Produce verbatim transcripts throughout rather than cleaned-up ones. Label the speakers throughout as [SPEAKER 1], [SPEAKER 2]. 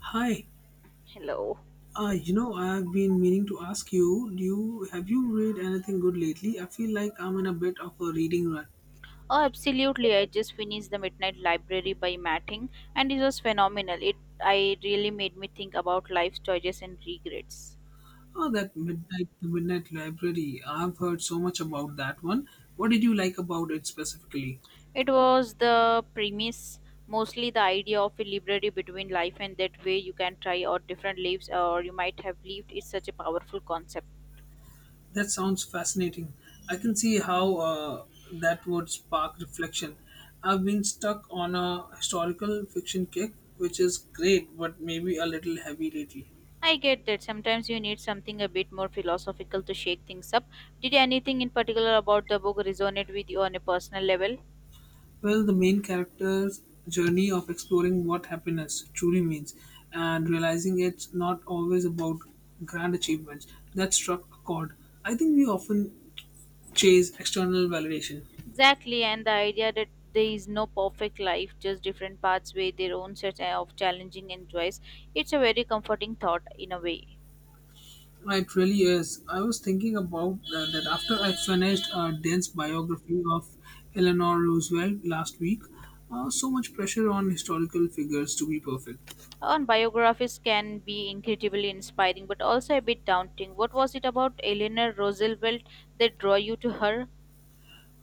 [SPEAKER 1] Hi.
[SPEAKER 2] Hello.
[SPEAKER 1] Uh, you know, I've been meaning to ask you, do you have you read anything good lately? I feel like I'm in a bit of a reading rut.
[SPEAKER 2] Oh, absolutely. I just finished The Midnight Library by Matting, and it was phenomenal. It I really made me think about life's choices and regrets.
[SPEAKER 1] Oh, that midnight the midnight library. I've heard so much about that one. What did you like about it specifically?
[SPEAKER 2] It was the premise, mostly the idea of a library between life and that way you can try out different lives or you might have lived is such a powerful concept.
[SPEAKER 1] That sounds fascinating. I can see how uh, that would spark reflection. I've been stuck on a historical fiction kick, which is great, but maybe a little heavy lately.
[SPEAKER 2] I get that sometimes you need something a bit more philosophical to shake things up. Did anything in particular about the book resonate with you on a personal level?
[SPEAKER 1] Well, the main character's journey of exploring what happiness truly means and realizing it's not always about grand achievements that struck a chord. I think we often chase external validation.
[SPEAKER 2] Exactly, and the idea that there is no perfect life, just different paths with their own set uh, of challenging and joys. It's a very comforting thought in a way.
[SPEAKER 1] It really is. I was thinking about uh, that after I finished a dense biography of Eleanor Roosevelt last week. Uh, so much pressure on historical figures to be perfect.
[SPEAKER 2] And biographies can be incredibly inspiring, but also a bit daunting. What was it about Eleanor Roosevelt that drew you to her?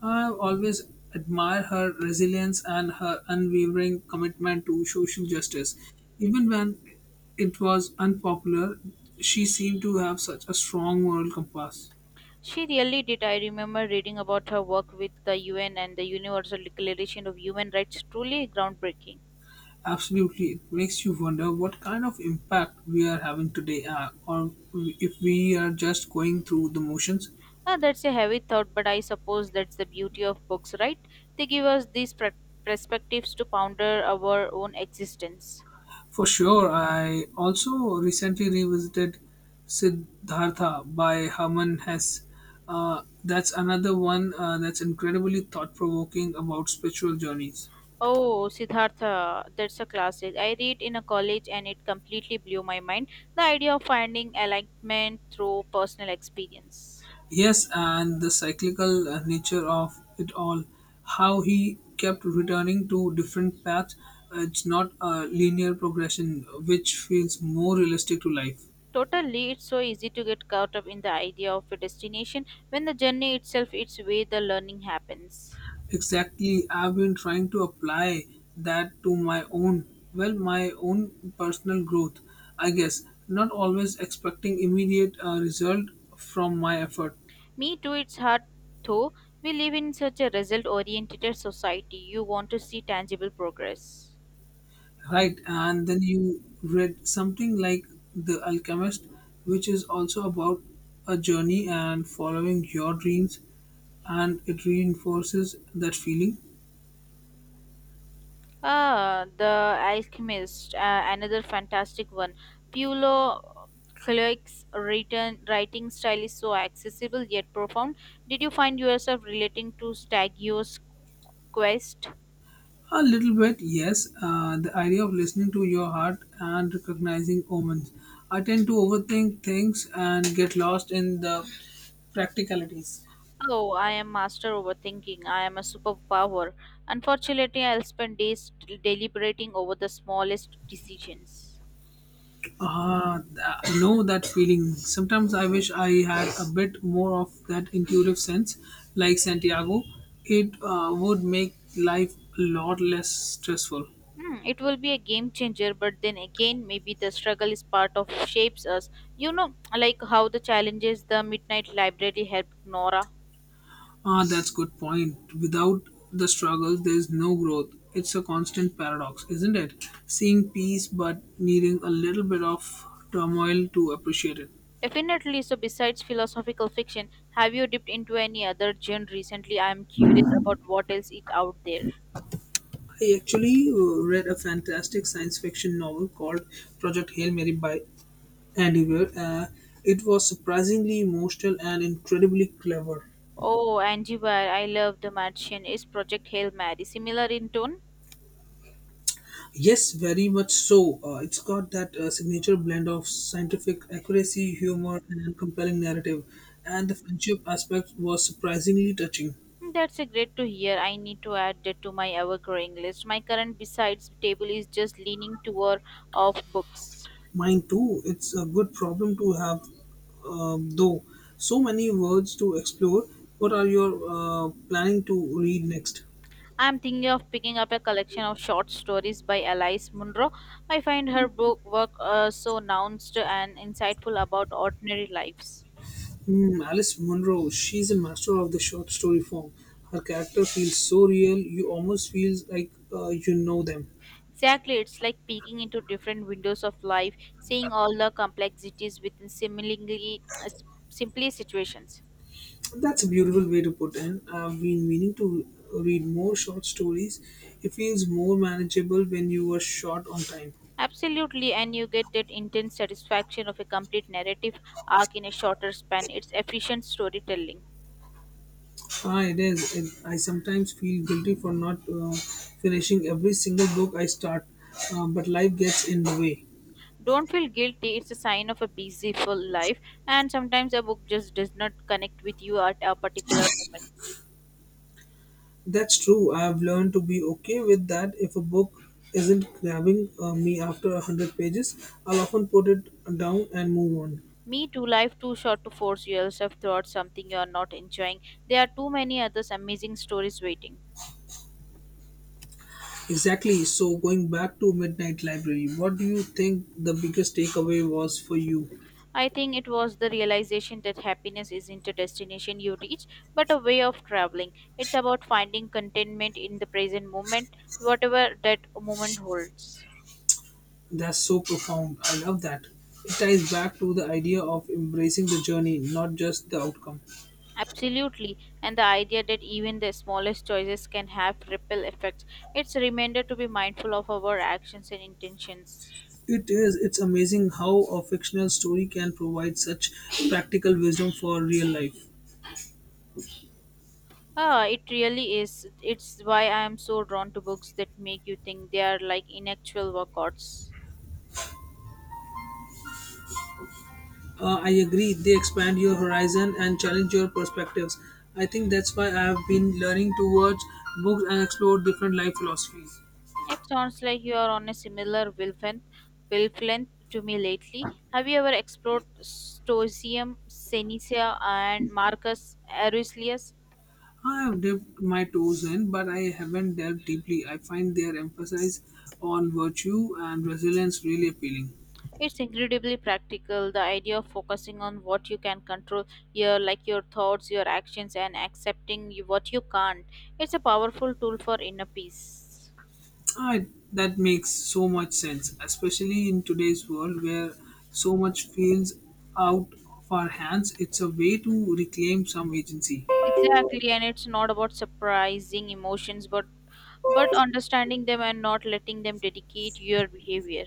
[SPEAKER 1] I always admire her resilience and her unwavering commitment to social justice. Even when it was unpopular, she seemed to have such a strong moral compass.
[SPEAKER 2] She really did. I remember reading about her work with the U N and the Universal Declaration of Human Rights. Truly groundbreaking.
[SPEAKER 1] Absolutely, it makes you wonder what kind of impact we are having today, uh, or if we are just going through the motions.
[SPEAKER 2] Ah, that's a heavy thought, but I suppose that's the beauty of books, right? They give us these pre- perspectives to ponder our own existence.
[SPEAKER 1] For sure, I also recently revisited Siddhartha by Herman Hesse. Uh, that's another one uh, that's incredibly thought provoking about spiritual journeys.
[SPEAKER 2] Oh, Siddhartha, that's a classic. I read in a college and it completely blew my mind. The idea of finding alignment through personal experience.
[SPEAKER 1] Yes, and the cyclical uh, nature of it all, how he kept returning to different paths. uh, It's not a linear progression, which feels more realistic to life.
[SPEAKER 2] Totally, it's so easy to get caught up in the idea of a destination when the journey itself is where the learning happens.
[SPEAKER 1] Exactly. I've been trying to apply that to my own, well, my own personal growth, I guess. Not always expecting immediate uh, result from my effort,
[SPEAKER 2] Me too, it's hard though. We live in such a result oriented society. You want to see tangible progress.
[SPEAKER 1] right? And then you read something like The Alchemist, which is also about a journey and following your dreams, and it reinforces that feeling.
[SPEAKER 2] Ah, The Alchemist, uh, another fantastic one. Paulo Coelho's written writing style is so accessible yet profound. Did you find yourself relating to Stagio's quest?
[SPEAKER 1] A little bit, yes. Uh, the idea of listening to your heart and recognizing omens. I tend to overthink things and get lost in the practicalities.
[SPEAKER 2] Oh, I am master overthinking. I am a superpower. Unfortunately, I'll spend days deliberating over the smallest decisions.
[SPEAKER 1] Ah, th- I know that feeling. Sometimes I wish I had a bit more of that intuitive sense, like Santiago. It uh, would make life a lot less stressful.
[SPEAKER 2] Hmm, it will be a game changer, but then again, maybe the struggle is part of shapes us. You know, like how the challenges the Midnight Library helped Nora.
[SPEAKER 1] Ah, that's good point. Without the struggle, there's no growth. It's a constant paradox, isn't it? Seeing peace but needing a little bit of turmoil to appreciate it.
[SPEAKER 2] Definitely. So, besides philosophical fiction, have you dipped into any other genre recently? I am curious about what else is out there.
[SPEAKER 1] I actually uh, read a fantastic science fiction novel called Project Hail Mary by Andy Weir. Uh, it was surprisingly emotional and incredibly clever.
[SPEAKER 2] Oh, Angie Wire, I love The Martian. Is Project Hail Mary similar in tone?
[SPEAKER 1] Yes, very much so. Uh, it's got that uh, signature blend of scientific accuracy, humor, and compelling narrative. And the friendship aspect was surprisingly touching.
[SPEAKER 2] Hmm, that's a great to hear. I need to add that to my ever-growing list. My current besides table is just leaning toward of books.
[SPEAKER 1] Mine too. It's a good problem to have, um, though. So many words to explore. What are your uh, planning to read next?
[SPEAKER 2] I'm thinking of picking up a collection of short stories by Alice Munro. I find her book work uh, so nuanced and insightful about ordinary lives.
[SPEAKER 1] Hmm, Alice Munro. She's a master of the short story form. Her character feels so real. You almost feel like uh, you know them.
[SPEAKER 2] Exactly, it's like peeking into different windows of life, seeing all the complexities within seemingly uh, s- simply situations.
[SPEAKER 1] That's a beautiful way to put in. I've been meaning to read more short stories. It feels more manageable when you are short on time.
[SPEAKER 2] Absolutely, and you get that intense satisfaction of a complete narrative arc in a shorter span. It's efficient storytelling.
[SPEAKER 1] Ah, it is. It, I sometimes feel guilty for not uh, finishing every single book I start, uh, but life gets in the way.
[SPEAKER 2] Don't feel guilty, it's a sign of a busy, full life, and sometimes a book just does not connect with you at a particular moment.
[SPEAKER 1] That's true. I've learned to be okay with that. If a book isn't grabbing uh, me after a hundred pages, I'll often put it down and move on.
[SPEAKER 2] Me too, life too short to force yourself throughout something you are not enjoying. There are too many others amazing stories waiting.
[SPEAKER 1] Exactly. So, going back to Midnight Library, what do you think the biggest takeaway was for you?
[SPEAKER 2] I think it was the realization that happiness isn't a destination you reach, but a way of traveling. It's about finding contentment in the present moment, whatever that moment holds.
[SPEAKER 1] That's so profound. I love that. It ties back to the idea of embracing the journey, not just the outcome.
[SPEAKER 2] Absolutely, and the idea that even the smallest choices can have ripple effects. It's a reminder to be mindful of our actions and intentions.
[SPEAKER 1] It is. It's amazing how a fictional story can provide such practical wisdom for real life.
[SPEAKER 2] Ah, it really is. It's why I am so drawn to books that make you think they are like inactual workouts.
[SPEAKER 1] Uh, I agree. They expand your horizon and challenge your perspectives. I think that's why I have been learning towards books and explore different life philosophies.
[SPEAKER 2] It sounds like you are on a similar wavelength, wavelength to me lately. Have you ever explored Stoicism, Seneca, and Marcus Aurelius?
[SPEAKER 1] I have dipped my toes in, but I haven't delved deeply. I find their emphasis on virtue and resilience really appealing.
[SPEAKER 2] It's incredibly practical. The idea of focusing on what you can control, your like your thoughts, your actions, and accepting you- what you can't. It's a powerful tool for inner peace.
[SPEAKER 1] I, that makes so much sense, especially in today's world where so much feels out of our hands. It's a way to reclaim some agency.
[SPEAKER 2] Exactly, and it's not about surprising emotions, but but understanding them and not letting them dictate your behavior.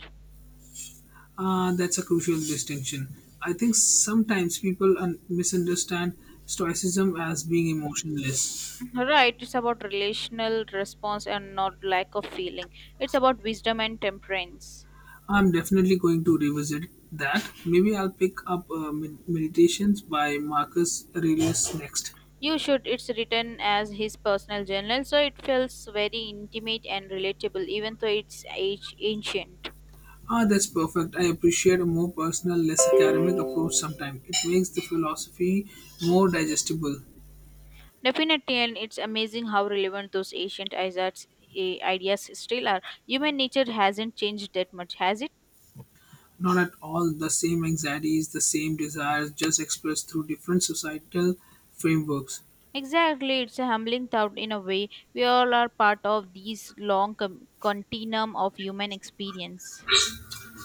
[SPEAKER 1] Uh, that's a crucial distinction. I think sometimes people un- misunderstand stoicism as being emotionless.
[SPEAKER 2] Right, it's about relational response and not lack of feeling. It's about wisdom and temperance.
[SPEAKER 1] I'm definitely going to revisit that. Maybe I'll pick up uh, Med- Meditations by Marcus Aurelius next.
[SPEAKER 2] You should. It's written as his personal journal, so it feels very intimate and relatable, even though it's age ancient.
[SPEAKER 1] Ah, that's perfect. I appreciate a more personal, less academic approach sometimes. It makes the philosophy more digestible.
[SPEAKER 2] Definitely, and it's amazing how relevant those ancient ideas eh, ideas still are. Human nature hasn't changed that much, has it?
[SPEAKER 1] Not at all the same anxieties, the same desires, just expressed through different societal frameworks.
[SPEAKER 2] Exactly, it's a humbling thought in a way. We all are part of these long com- continuum of human experience.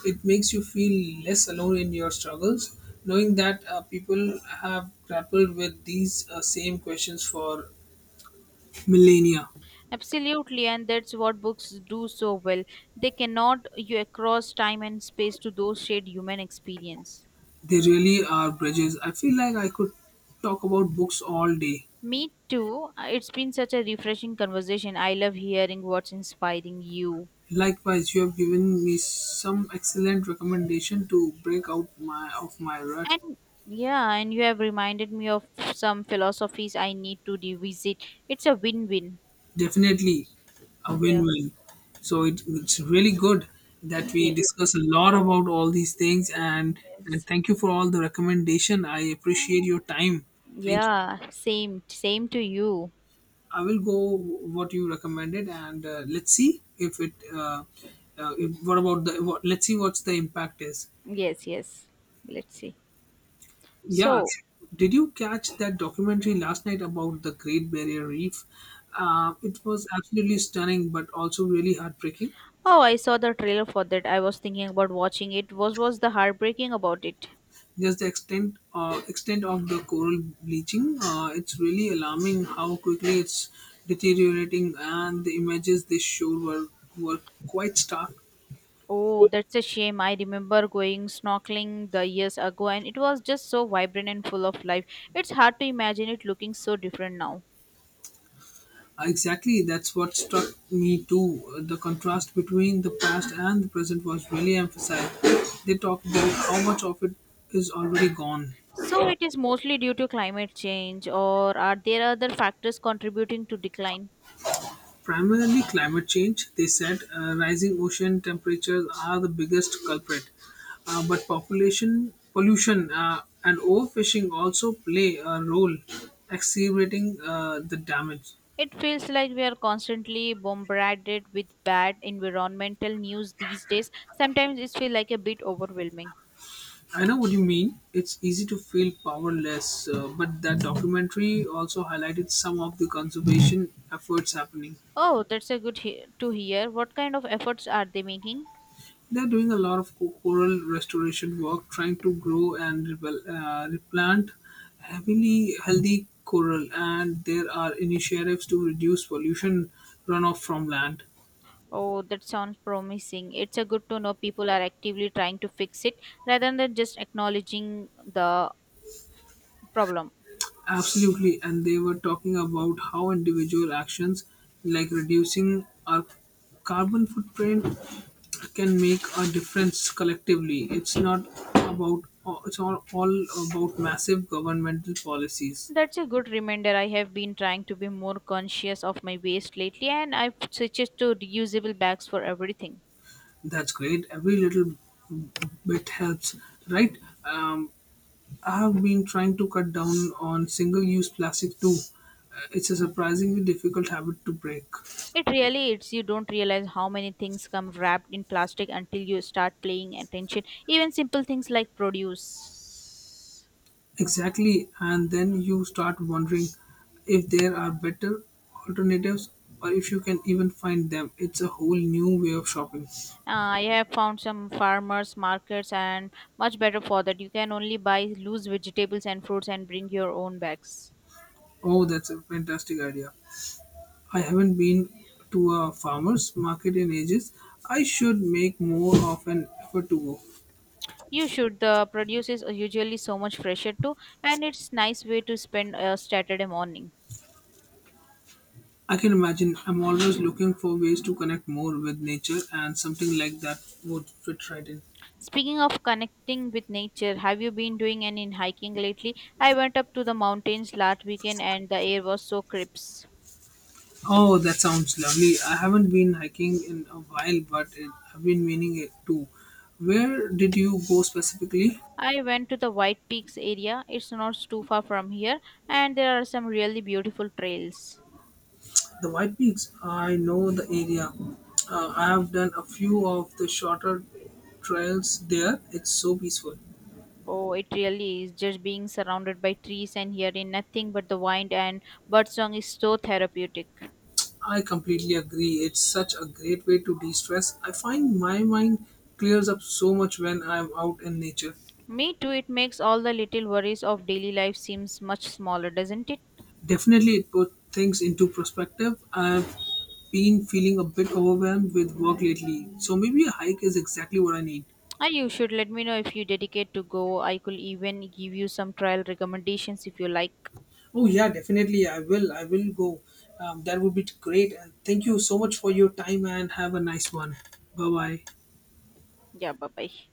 [SPEAKER 1] It makes you feel less alone in your struggles, knowing that uh, people have grappled with these uh, same questions for millennia.
[SPEAKER 2] Absolutely, and that's what books do so well. They cannot you across time and space to those shared human experience.
[SPEAKER 1] They really are bridges. I feel like I could talk about books all day.
[SPEAKER 2] Me too. Uh, It's been such a refreshing conversation. I love hearing what's inspiring you.
[SPEAKER 1] Likewise, you have given me some excellent recommendation to break out my of my rut.
[SPEAKER 2] And yeah, and you have reminded me of some philosophies I need to revisit. It's a win win.
[SPEAKER 1] Definitely a
[SPEAKER 2] Yeah.
[SPEAKER 1] win-win. So it, it's really good that we
[SPEAKER 2] Yeah.
[SPEAKER 1] discuss a lot about all these things, and and
[SPEAKER 2] Yes.
[SPEAKER 1] thank you for all the recommendation. I appreciate your time. Thank you.
[SPEAKER 2] Yeah. Same. Same to you.
[SPEAKER 1] I will go what you recommended and uh, let's see if it. Uh, uh, if, what about the? What, let's see what's the impact is.
[SPEAKER 2] Yes. Yes. Let's see.
[SPEAKER 1] Yeah.
[SPEAKER 2] So,
[SPEAKER 1] Did you catch that documentary last night about the Great Barrier Reef? Uh, it was absolutely stunning, but also really heartbreaking.
[SPEAKER 2] oh, I saw the trailer for that. I was thinking about watching it. What was the heartbreaking about it?
[SPEAKER 1] Just the extent uh, extent of the coral bleaching. Uh, it's really alarming how quickly it's deteriorating, and the images they showed were were quite stark.
[SPEAKER 2] Oh, that's a shame. I remember going snorkeling the years ago and it was just so vibrant and full of life. It's hard to imagine it looking so different now.
[SPEAKER 1] Exactly, that's what struck me too. The contrast between the past and the present was really emphasized. They talked about how much of it is already gone.
[SPEAKER 2] So it is mostly due to climate change or are there other factors contributing to decline?
[SPEAKER 1] Primarily climate change, they said. Uh, rising ocean temperatures are the biggest culprit, uh, but population pollution uh, and overfishing also play a role, exacerbating uh, the damage.
[SPEAKER 2] It feels like we are constantly bombarded with bad environmental news these days. Sometimes it feels like a bit overwhelming.
[SPEAKER 1] I know what you mean. It's easy to feel powerless, uh, but that documentary also highlighted some of the conservation efforts happening.
[SPEAKER 2] Oh, that's a good he- to hear. What kind of efforts are they making?
[SPEAKER 1] They're doing a lot of co- coral restoration work, trying to grow and repel- uh, replant heavily healthy coral, and there are initiatives to reduce pollution runoff from land.
[SPEAKER 2] Oh, that sounds promising. It's a good to know people are actively trying to fix it rather than just acknowledging the problem.
[SPEAKER 1] Absolutely, and they were talking about how individual actions like reducing our carbon footprint can make a difference collectively. It's not about it's all, all about massive governmental policies.
[SPEAKER 2] That's a good reminder. I have been trying to be more conscious of my waste lately and I've switched to reusable bags for everything.
[SPEAKER 1] That's great. Every little bit helps, right? Um, I have been trying to cut down on single use plastic too. Uh, It's a surprisingly difficult habit to break.
[SPEAKER 2] It really is. You don't realize how many things come wrapped in plastic until you start paying attention. Even simple things like produce.
[SPEAKER 1] Exactly. And then you start wondering if there are better alternatives or if you can even find them. It's a whole new way of shopping.
[SPEAKER 2] Uh, I have found some farmers markets and much better for that. You can only buy loose vegetables and fruits and bring your own bags.
[SPEAKER 1] Oh, that's a fantastic idea. I haven't been to a farmer's market in ages. I should make more of an effort to go.
[SPEAKER 2] You should. The produce is usually so much fresher too, and it's nice way to spend a Saturday morning.
[SPEAKER 1] I can imagine I'm always looking for ways to connect more with nature, and something like that would fit right in.
[SPEAKER 2] Speaking of connecting with nature, have you been doing any hiking lately? I went up to the mountains last weekend, and the air was so crisp.
[SPEAKER 1] Oh, that sounds lovely. I haven't been hiking in a while, but it, I've been meaning it too. Where did you go specifically?
[SPEAKER 2] I went to the White Peaks area. It's not too far from here, and there are some really beautiful trails.
[SPEAKER 1] The White Peaks. I know the area. Uh, I have done a few of the shorter trails there. It's so peaceful.
[SPEAKER 2] Oh, it really is. Just being surrounded by trees and hearing nothing but the wind and birdsong is so therapeutic.
[SPEAKER 1] I completely agree. It's such a great way to de stress. I find my mind clears up so much when I'm out in nature.
[SPEAKER 2] Me too. It makes all the little worries of daily life seems much smaller, doesn't it?
[SPEAKER 1] Definitely, it put things into perspective. I've been feeling a bit overwhelmed with work lately, so maybe a hike is exactly what I need.
[SPEAKER 2] Ah, you should let me know if you dedicate to go. I could even give you some trial recommendations if you like.
[SPEAKER 1] Oh yeah, definitely, I will. I will go. Um, that would be great. And thank you so much for your time, and have a nice one. Bye bye.
[SPEAKER 2] Yeah, bye bye.